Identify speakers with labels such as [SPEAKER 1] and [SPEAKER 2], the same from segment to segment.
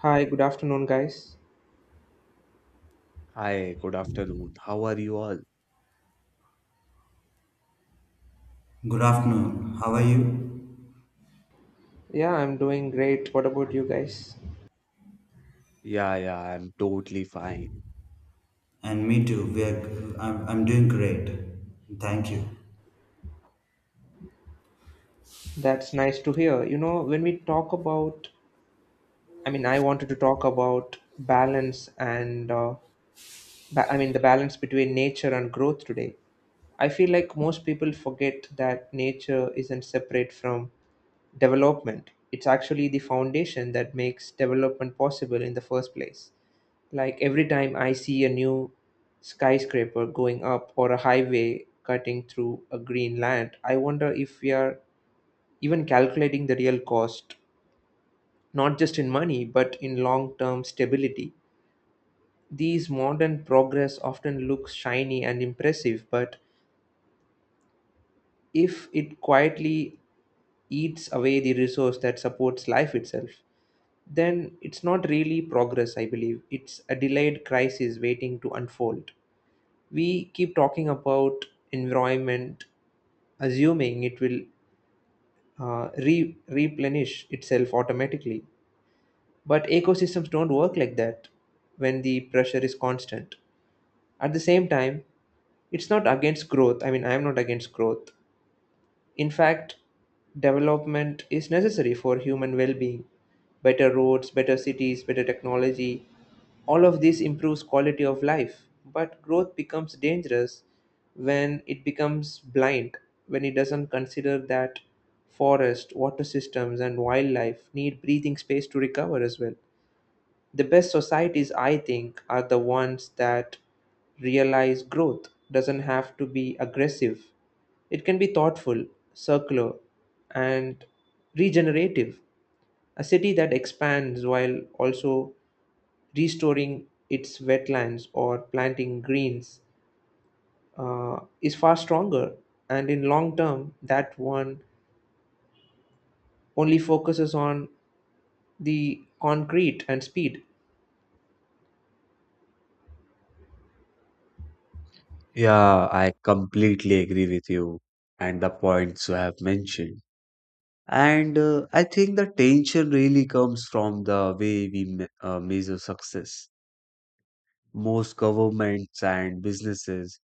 [SPEAKER 1] Hi, good afternoon, guys.
[SPEAKER 2] Hi, good afternoon. How are you all?
[SPEAKER 3] Good afternoon. How are you?
[SPEAKER 1] Yeah, I'm doing great. What about you guys?
[SPEAKER 2] Yeah, I'm totally fine.
[SPEAKER 3] And me too. We are, I'm doing great. Thank you.
[SPEAKER 1] That's nice to hear. You know, when we talk about, I mean, I wanted to talk about balance and, I mean, the balance between nature and growth today. I feel like most people forget that nature isn't separate from development. It's actually the foundation that makes development possible in the first place. Like every time I see a new skyscraper going up or a highway cutting through a green land, I wonder if we are even calculating the real cost, not just in money, but in long term stability. These modern progress often looks shiny and impressive, but if it quietly eats away the resource that supports life itself, then it's not really progress, I believe. It's a delayed crisis waiting to unfold. We keep talking about environment, assuming it will replenish itself automatically. But ecosystems don't work like that when the pressure is constant. At the same time, it's not against growth. I mean, I'm not against growth. In fact, development is necessary for human well being. Better roads, better cities, better technology, all of this improves quality of life. But growth becomes dangerous when it becomes blind, when it doesn't consider that forest, water systems, and wildlife need breathing space to recover as well. The best societies, I think, are the ones that realize growth doesn't have to be aggressive. It can be thoughtful, circular, and regenerative. A city that expands while also restoring its wetlands or planting greens is far stronger. And in long term, that one only focuses on the concrete and speed.
[SPEAKER 2] Yeah, I completely agree with you and the points you have mentioned. And I think the tension really comes from the way we me measure success. Most governments and businesses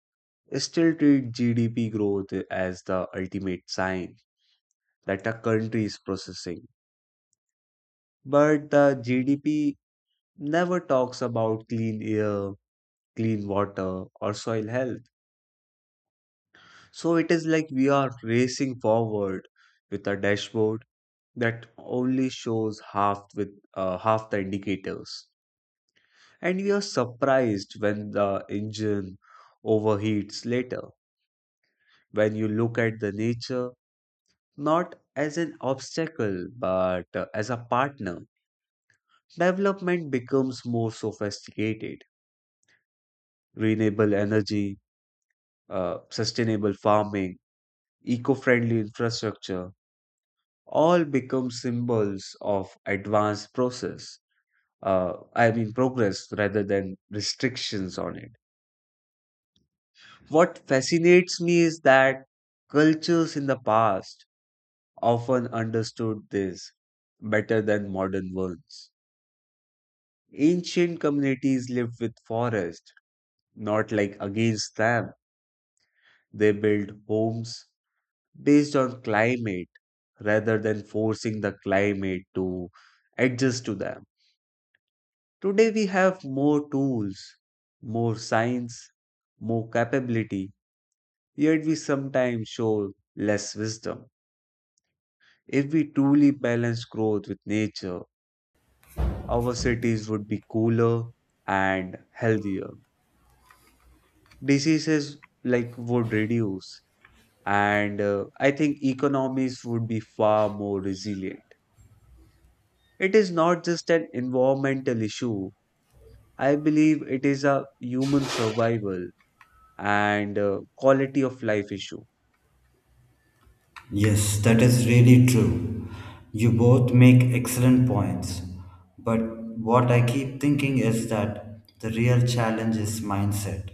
[SPEAKER 2] still treat GDP growth as the ultimate sign that a country is processing. But the GDP never talks about clean air, clean water, or soil health. So it is like we are racing forward with a dashboard that only shows half the indicators. And we are surprised when the engine overheats later. When you look at the nature not as an obstacle but as a partner, development becomes more sophisticated. Renewable energy, sustainable farming, eco-friendly infrastructure, all become symbols of advanced process I mean progress rather than restrictions on it. What fascinates me is that cultures in the past often understood this better than modern ones. Ancient communities lived with forest, not like against them. They built homes based on climate rather than forcing the climate to adjust to them. Today we have more tools, more science, more capability, yet we sometimes show less wisdom. If we truly balance growth with nature, our cities would be cooler and healthier. Diseases like would reduce, and I think economies would be far more resilient. It is not just an environmental issue. I believe it is a human survival and quality of life issue.
[SPEAKER 3] Yes, that is really true. You both make excellent points. But what I keep thinking is that the real challenge is mindset.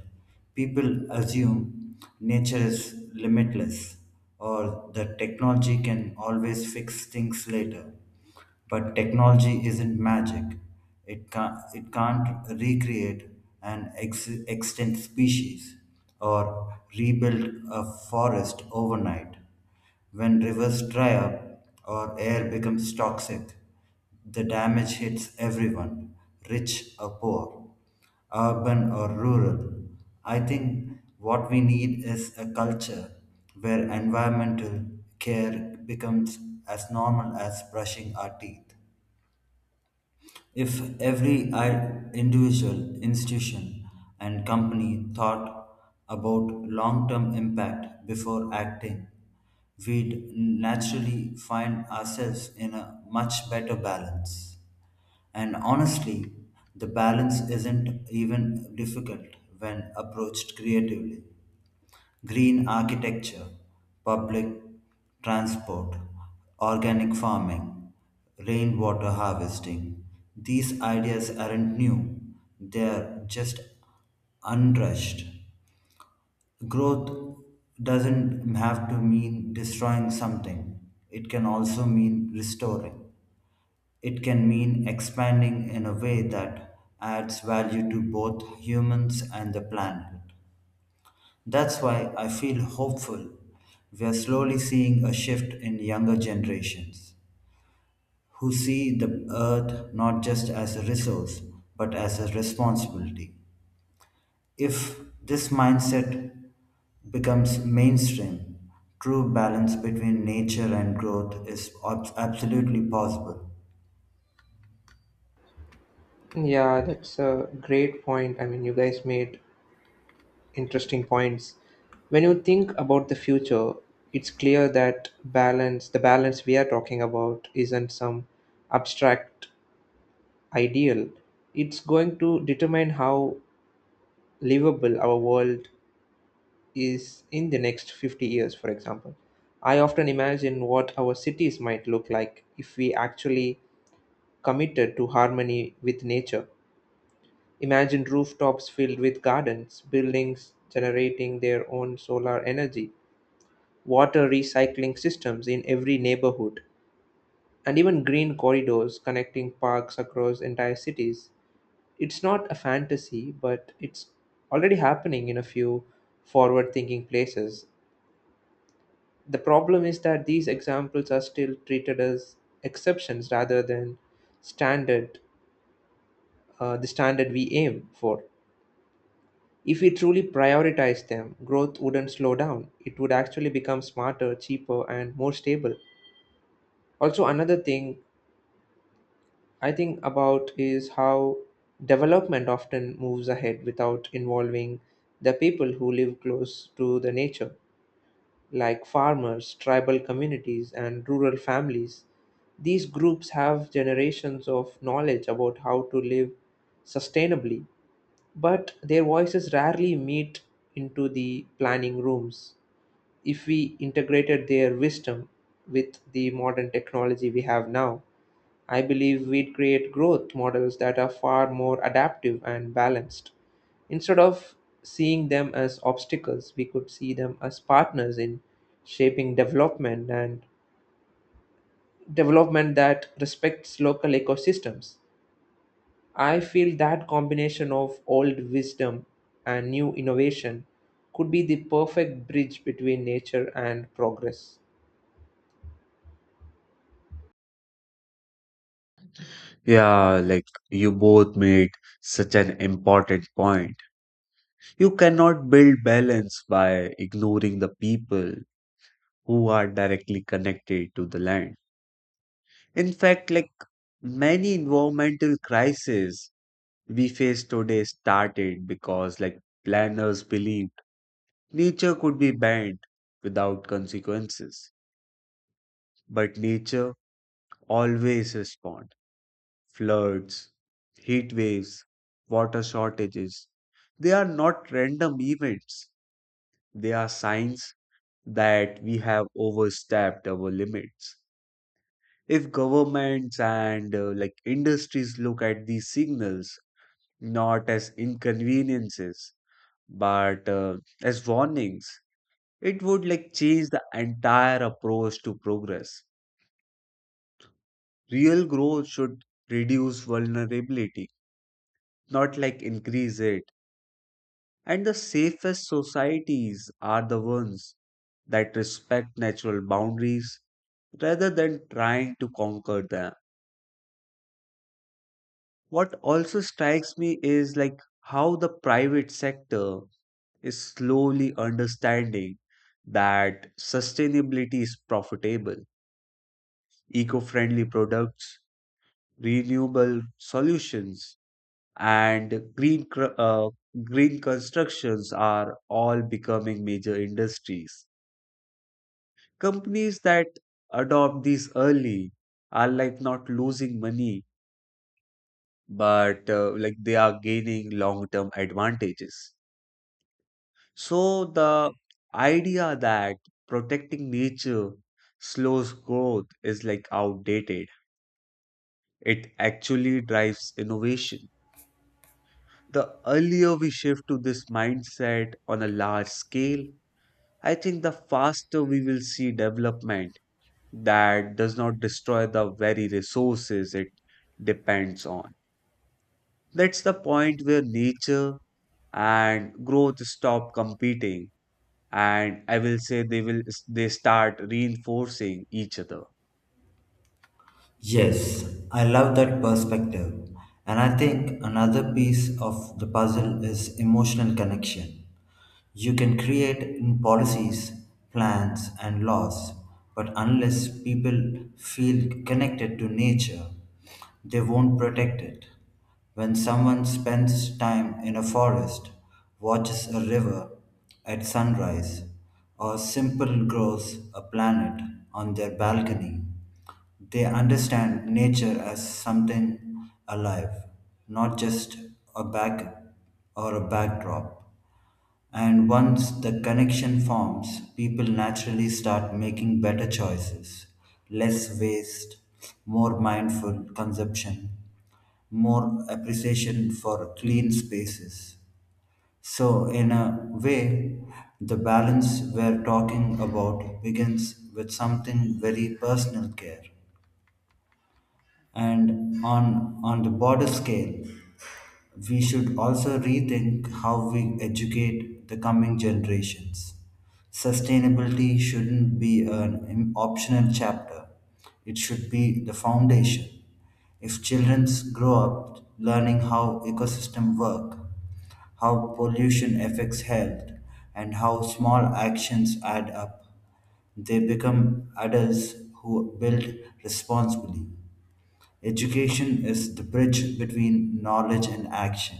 [SPEAKER 3] People assume nature is limitless or that technology can always fix things later. But technology isn't magic. It can't recreate an extinct species or rebuild a forest overnight when rivers dry up or air becomes toxic, the damage hits everyone, rich or poor, urban or rural. I think what we need is a culture where environmental care becomes as normal as brushing our teeth. If every individual, institution, and company thought about long term impact before acting, we'd naturally find ourselves in a much better balance. And honestly, the balance isn't even difficult when approached creatively. Green architecture, public transport, organic farming, rainwater harvesting. These ideas aren't new, they're just unrushed. Growth doesn't have to mean destroying something, it can also mean restoring. It can mean expanding in a way that adds value to both humans and the planet. That's why I feel hopeful. We are slowly seeing a shift in younger generations who see the earth not just as a resource but as a responsibility. If this mindset becomes mainstream, true balance between nature and growth is absolutely possible.
[SPEAKER 1] Yeah, that's a great point. I mean, you guys made interesting points. When you think about the future, it's clear that balance, the balance we are talking about, isn't some abstract ideal. It's going to determine how livable our world is in the next 50 years, for example. I often imagine what our cities might look like if we actually committed to harmony with nature. Imagine rooftops filled with gardens, buildings generating their own solar energy, water recycling systems in every neighborhood, and even green corridors connecting parks across entire cities. It's not a fantasy, but it's already happening in a few forward thinking places. The problem is that these examples are still treated as exceptions rather than standard the standard we aim for. If we truly prioritize them, growth wouldn't slow down. It would actually become smarter, cheaper, and more stable. Also, another thing I think about is how development often moves ahead without involving the people who live close to the nature, like farmers, tribal communities, and rural families. These groups have generations of knowledge about how to live sustainably, but their voices rarely meet into the planning rooms. If we integrated their wisdom with the modern technology we have now, I believe we'd create growth models that are far more adaptive and balanced. Instead of seeing them as obstacles, we could see them as partners in shaping development and development that respects local ecosystems. I feel that combination of old wisdom and new innovation could be the perfect bridge between nature and progress.
[SPEAKER 2] Yeah, like you both made such an important point. You cannot build balance by ignoring the people who are directly connected to the land. In fact, like many environmental crises we face today started because like planners believed nature could be banned without consequences. But nature always responds. Floods, heat waves, water shortages. They are not random events. They are signs that we have overstepped our limits. If governments and like industries look at these signals not as inconveniences but as warnings, it would like change the entire approach to progress. Real growth should reduce vulnerability, not like increase it. And the safest societies are the ones that respect natural boundaries rather than trying to conquer them. What also strikes me is like how the private sector is slowly understanding that sustainability is profitable. Eco friendly products, renewable solutions, and green constructions are all becoming major industries. Companies that adopt these early are like not losing money, but like they are gaining long-term advantages. So the idea that protecting nature slows growth is like outdated. It actually drives innovation. The earlier we shift to this mindset on a large scale, I think the faster we will see development that does not destroy the very resources it depends on. That's the point where nature and growth stop competing, and I will say they start reinforcing each other.
[SPEAKER 3] Yes, I love that perspective. And I think another piece of the puzzle is emotional connection. You can create policies, plans, and laws, but unless people feel connected to nature, they won't protect it. When someone spends time in a forest, watches a river at sunrise, or simply grows a planet on their balcony, they understand nature as something alive, not just a back or a backdrop. And once the connection forms, people naturally start making better choices, less waste, more mindful consumption, more appreciation for clean spaces. So, in a way, the balance we're talking about begins with something very personal care. And on the broader scale, we should also rethink how we educate the coming generations. Sustainability shouldn't be an optional chapter, it should be the foundation. If children grow up learning how ecosystems work, how pollution affects health, and how small actions add up, they become adults who build responsibly. Education is the bridge between knowledge and action.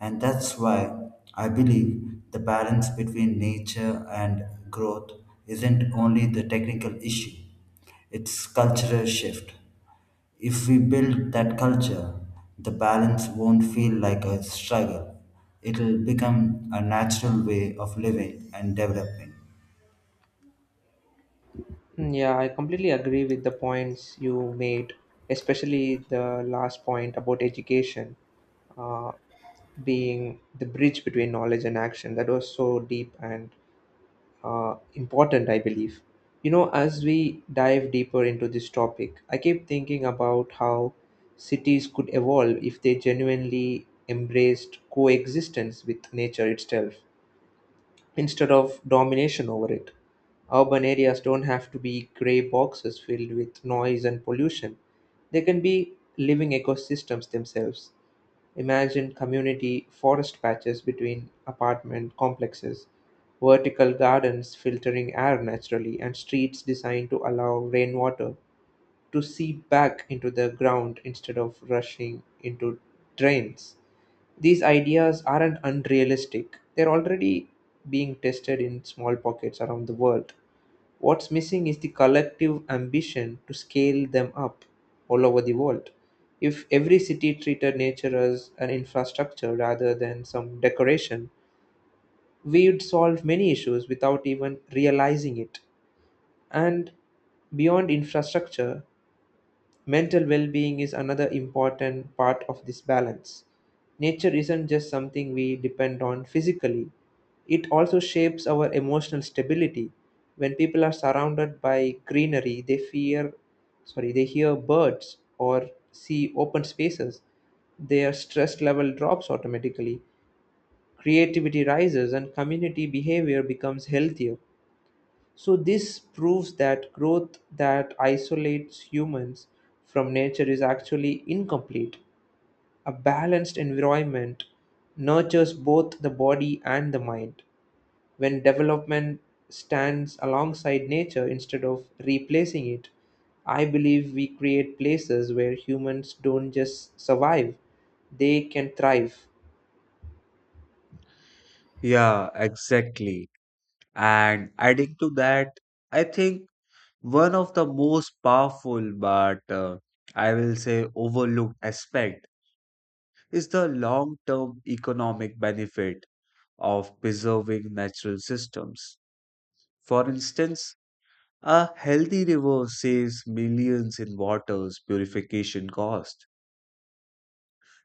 [SPEAKER 3] And that's why I believe the balance between nature and growth isn't only the technical issue, it's cultural shift. If we build that culture, the balance won't feel like a struggle. It'll become a natural way of living and developing.
[SPEAKER 1] Mm, yeah, I completely agree with the points you made, especially the last point about education uh, being the bridge between knowledge and action. That was so deep and important, I believe. You know, as we dive deeper into this topic, I keep thinking about how cities could evolve if they genuinely embraced coexistence with nature itself instead of domination over it. Urban areas don't have to be gray boxes filled with noise and pollution. They can be living ecosystems themselves. Imagine community forest patches between apartment complexes, vertical gardens filtering air naturally, and streets designed to allow rainwater to seep back into the ground instead of rushing into drains. These ideas aren't unrealistic, they're already being tested in small pockets around the world. What's missing is the collective ambition to scale them up all over the world. If every city treated nature as an infrastructure rather than some decoration, we would solve many issues without even realizing it. And beyond infrastructure, mental well being is another important part of this balance. Nature isn't just something we depend on physically, it also shapes our emotional stability. When people are surrounded by greenery, they hear birds or see open spaces. Their stress level drops automatically. Creativity rises and community behavior becomes healthier. So this proves that growth that isolates humans from nature is actually incomplete. A balanced environment nurtures both the body and the mind. When development stands alongside nature instead of replacing it, I believe we create places where humans don't just survive, they can thrive.
[SPEAKER 2] Yeah, exactly. And adding to that, I think one of the most powerful but I will say overlooked aspect is the long-term economic benefit of preserving natural systems. For instance, a healthy river saves millions in water's purification cost.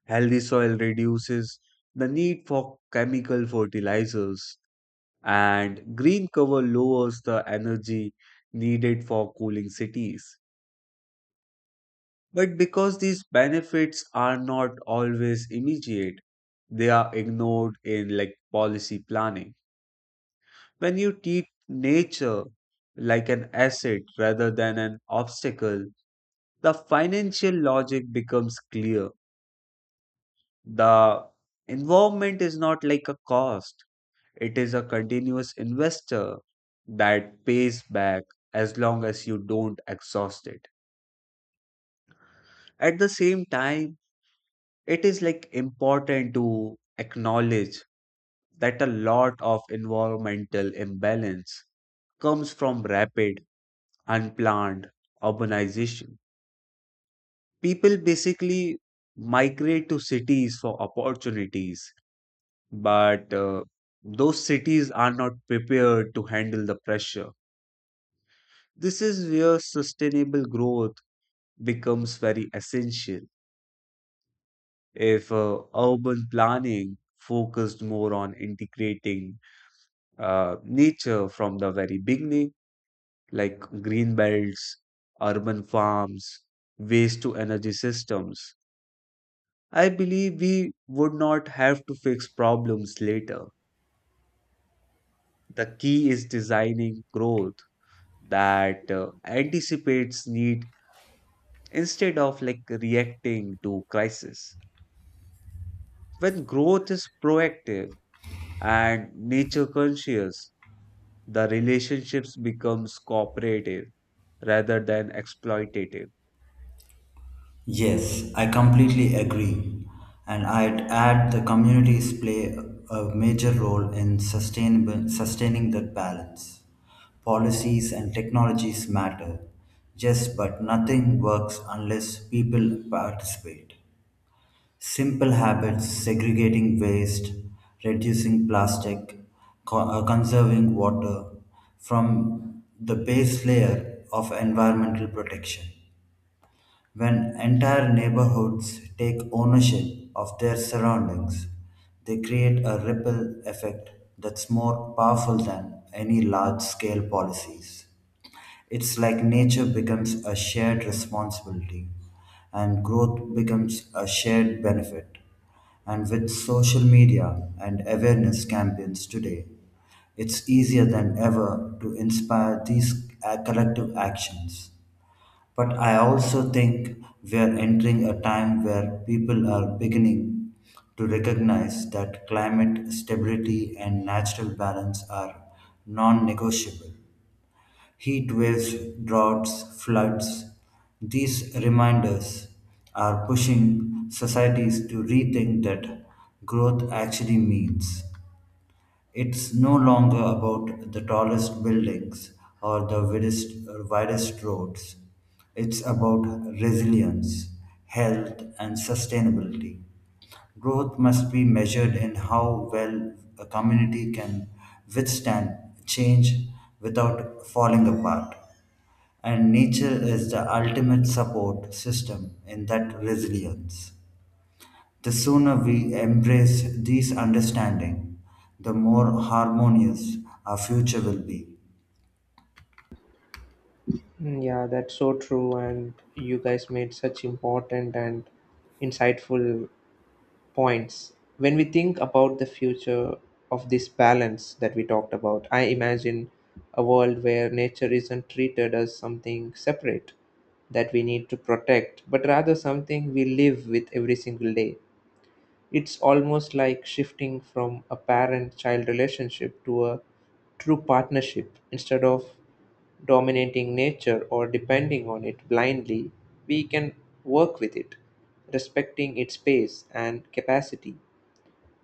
[SPEAKER 2] Healthy soil reduces the need for chemical fertilizers, and green cover lowers the energy needed for cooling cities. But because these benefits are not always immediate, they are ignored in like policy planning. When you treat nature like an asset rather than an obstacle, the financial logic becomes clear. The involvement is not like a cost, it is a continuous investor that pays back as long as you don't exhaust it. At the same time, it is like important to acknowledge that a lot of environmental imbalance comes from rapid, unplanned urbanization. People basically migrate to cities for opportunities but those cities are not prepared to handle the pressure. This is where sustainable growth becomes very essential. If urban planning focused more on integrating nature from the very beginning, like green belts, urban farms, waste to energy systems, I believe we would not have to fix problems later. The key is designing growth that anticipates need instead of like reacting to crisis. When growth is proactive and nature conscious, the relationships becomes cooperative rather than exploitative.
[SPEAKER 3] Yes, I completely agree. And I'd add the communities play a major role in sustaining that balance. Policies and technologies matter. Yes, but nothing works unless people participate. Simple habits, segregating waste, reducing plastic, conserving water from the base layer of environmental protection. When entire neighborhoods take ownership of their surroundings, they create a ripple effect that's more powerful than any large scale policies. It's like nature becomes a shared responsibility and growth becomes a shared benefit. And with social media and awareness campaigns today, it's easier than ever to inspire these collective actions. But I also think we are entering a time where people are beginning to recognize that climate stability and natural balance are non negotiable. Heat waves, droughts, floods, these reminders are pushing societies to rethink that growth actually means. It's no longer about the tallest buildings or the widest roads. It's about resilience, health, and sustainability. Growth must be measured in how well a community can withstand change without falling apart. And nature is the ultimate support system in that resilience. The sooner we embrace these understanding, the more harmonious our future will be.
[SPEAKER 1] Mm, yeah, that's so true. And you guys made such important and insightful points. When we think about the future of this balance that we talked about, I imagine a world where nature isn't treated as something separate that we need to protect, but rather something we live with every single day. It's almost like shifting from a parent child relationship to a true partnership. Instead of dominating nature or depending on it blindly, we can work with it, respecting its pace and capacity.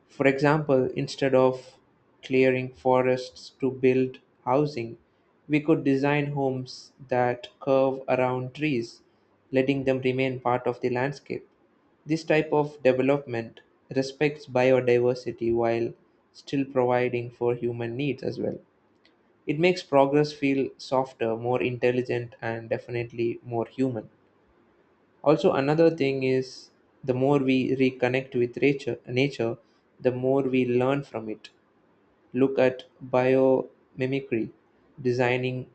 [SPEAKER 1] For example, instead of clearing forests to build housing, we could design homes that curve around trees, letting them remain part of the landscape. This type of development respects biodiversity while still providing for human needs as well. It makes progress feel softer, more intelligent, and definitely more human. Also, another thing is the more we reconnect with nature, the more we learn from it. Look at biomimicry, designing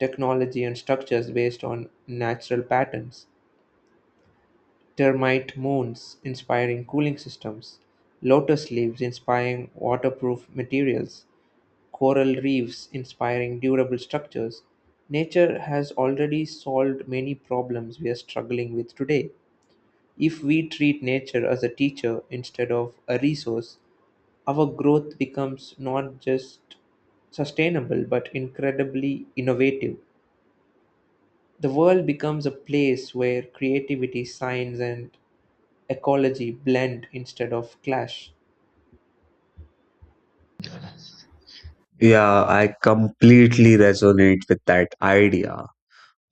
[SPEAKER 1] technology and structures based on natural patterns. Termite moons inspiring cooling systems, lotus leaves inspiring waterproof materials, coral reefs inspiring durable structures. Nature has already solved many problems we are struggling with today if we treat nature as a teacher instead of a resource, our growth becomes not just sustainable but incredibly innovative. The world becomes a place where creativity, science, and ecology blend instead of clash.
[SPEAKER 2] Yeah, I completely resonate with that idea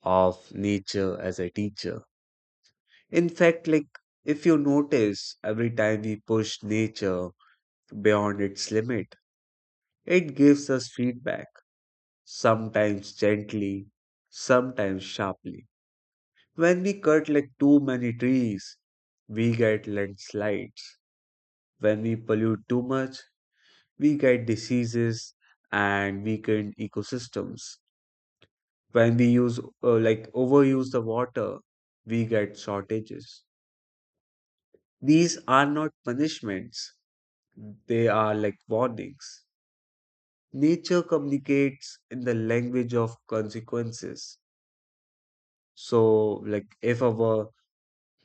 [SPEAKER 2] of nature as a teacher. In fact, like if you notice, every time we push nature beyond its limit, it gives us feedback sometimes gently, sometimes sharply. When we cut like too many trees, we get landslides. When we pollute too much, we get diseases and weakened ecosystems. When we use like overuse the water, we get shortages. These are not punishments, they are like warnings. Nature communicates in the language of consequences. So, like, if our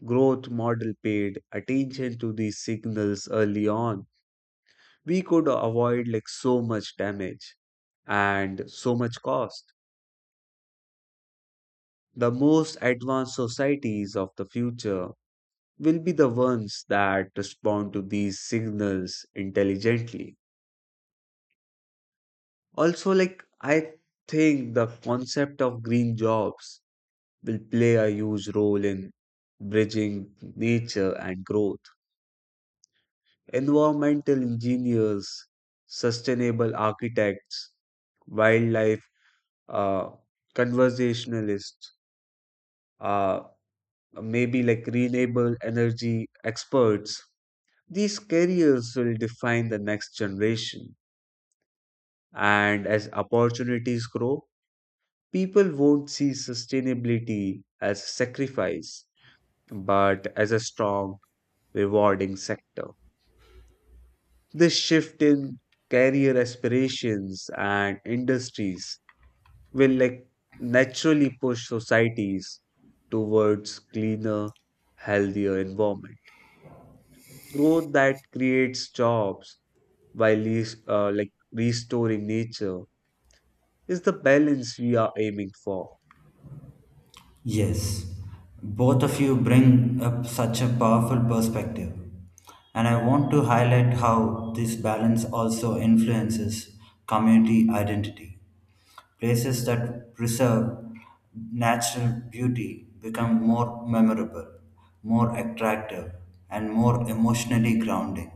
[SPEAKER 2] growth model paid attention to these signals early on, we could avoid like so much damage and so much cost. The most advanced societies of the future will be the ones that respond to these signals intelligently. Also, like I think the concept of green jobs will play a huge role in bridging nature and growth. Environmental engineers, sustainable architects, wildlife uh, conversationalists, uh, maybe like renewable energy experts. These careers will define the next generation. And as opportunities grow, people won't see sustainability as sacrifice, but as a strong, rewarding sector. This shift in career aspirations and industries will like naturally push societies towards cleaner, healthier environment. Growth that creates jobs while restoring nature is the balance we are aiming for.
[SPEAKER 3] Yes, both of you bring up such a powerful perspective, and I want to highlight how this balance also influences community identity. Places that preserve natural beauty become more memorable, more attractive, and more emotionally grounding.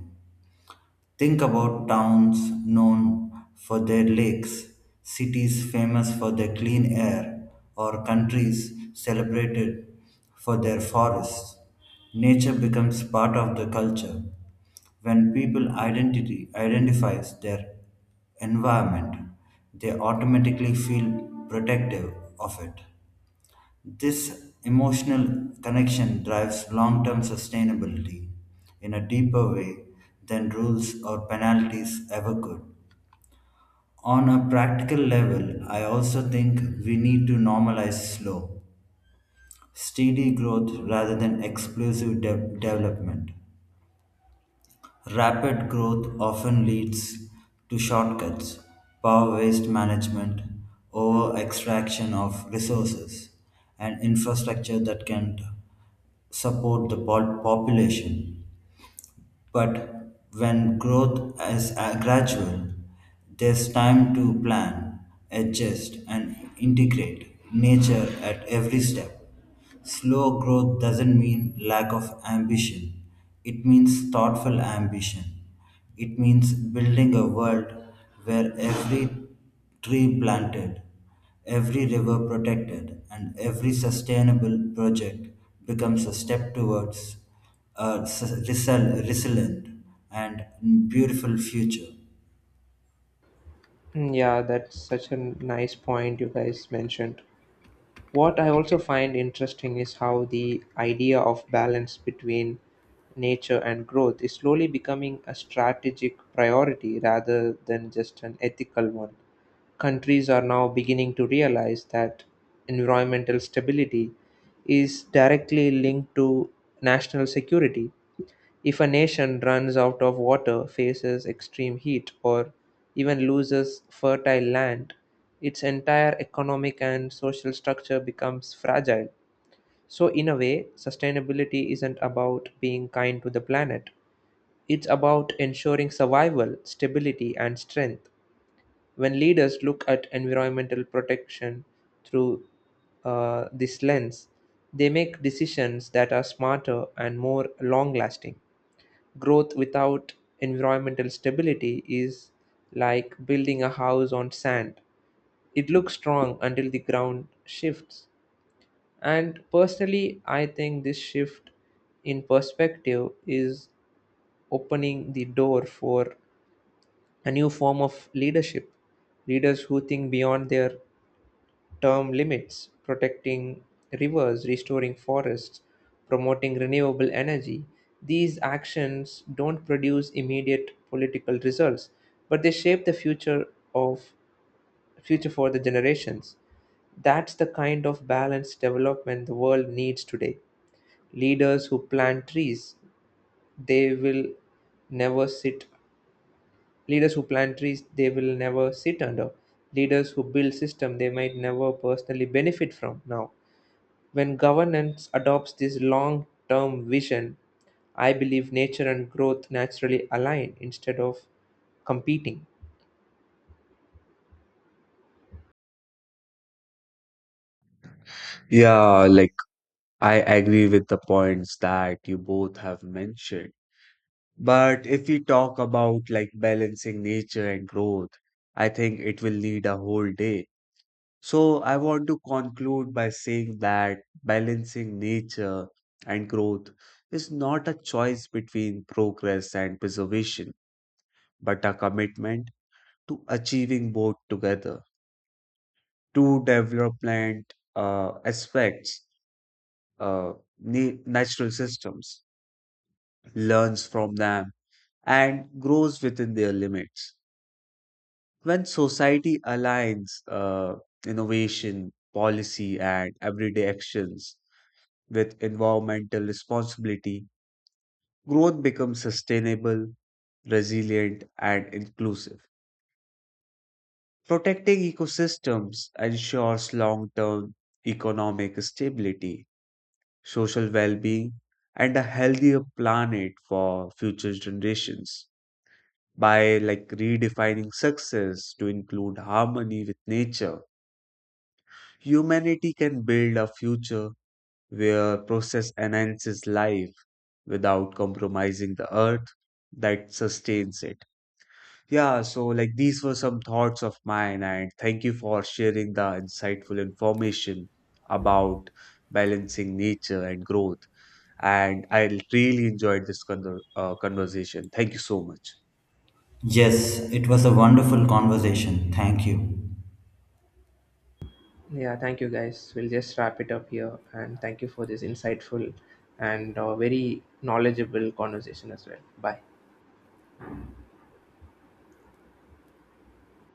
[SPEAKER 3] Think about towns known for their lakes, cities famous for their clean air, or countries celebrated for their forests. Nature becomes part of the culture. When people identity identifies their environment, they automatically feel protective of it. This emotional connection drives long term sustainability in a deeper way than rules or penalties ever could. On a practical level, I also think we need to normalize slow, steady growth rather than explosive development. Rapid growth often leads to shortcuts, power waste management, over extraction of resources, and infrastructure that can support the population. But when growth is gradual, there's time to plan, adjust, and integrate nature at every step. Slow growth doesn't mean lack of ambition. It means thoughtful ambition. It means building a world where every tree planted, every river protected, and every sustainable project becomes a step towards a resilient and beautiful future.
[SPEAKER 1] Mm, yeah, that's such a nice point you guys mentioned. What I also find interesting is how the idea of balance between nature and growth is slowly becoming a strategic priority rather than just an ethical one. Countries are now beginning to realize that environmental stability is directly linked to national security, if a nation runs out of water, faces extreme heat, or even loses fertile land, its entire economic and social structure becomes fragile. So, in a way, sustainability isn't about being kind to the planet, it's about ensuring survival, stability, and strength. When leaders look at environmental protection through this lens, they make decisions that are smarter and more long lasting. Growth without environmental stability is like building a house on sand. It looks strong until the ground shifts. And personally, I think this shift in perspective is opening the door for a new form of leadership. Leaders who think beyond their term limits, protecting rivers, restoring forests, promoting renewable energy. These actions don't produce immediate political results, but they shape the of future for the generations. That's the kind of balanced development the world needs today. Leaders who plant trees, they will never sit Leaders who plant trees they will never sit under leaders who build system they might never personally benefit from now when governance adopts this long term vision, I believe nature and growth naturally align instead of competing.
[SPEAKER 2] Yeah, like I agree with the points that you both have mentioned. But if we talk about like balancing nature and growth, I think it will need a whole day. So I want to conclude by saying that balancing nature and growth is not a choice between progress and preservation, but a commitment to achieving both together. Two development aspects, uh, natural systems, learns from them and grows within their limits. When society aligns innovation, policy, and everyday actions with environmental responsibility, growth becomes sustainable, resilient, and inclusive. Protecting ecosystems ensures long term economic stability, social well being, and a healthier planet for future generations. By like redefining success to include harmony with nature, humanity can build a future where process enhances life without compromising the earth that sustains it. Yeah, so like these were some thoughts of mine, and thank you for sharing the insightful information about balancing nature and growth. And I really enjoyed this conversation. Thank you so much.
[SPEAKER 3] Yes, it was a wonderful conversation. Thank you.
[SPEAKER 1] Yeah, thank you guys. We'll just wrap it up here. And thank you for this insightful and very knowledgeable conversation as well. Bye.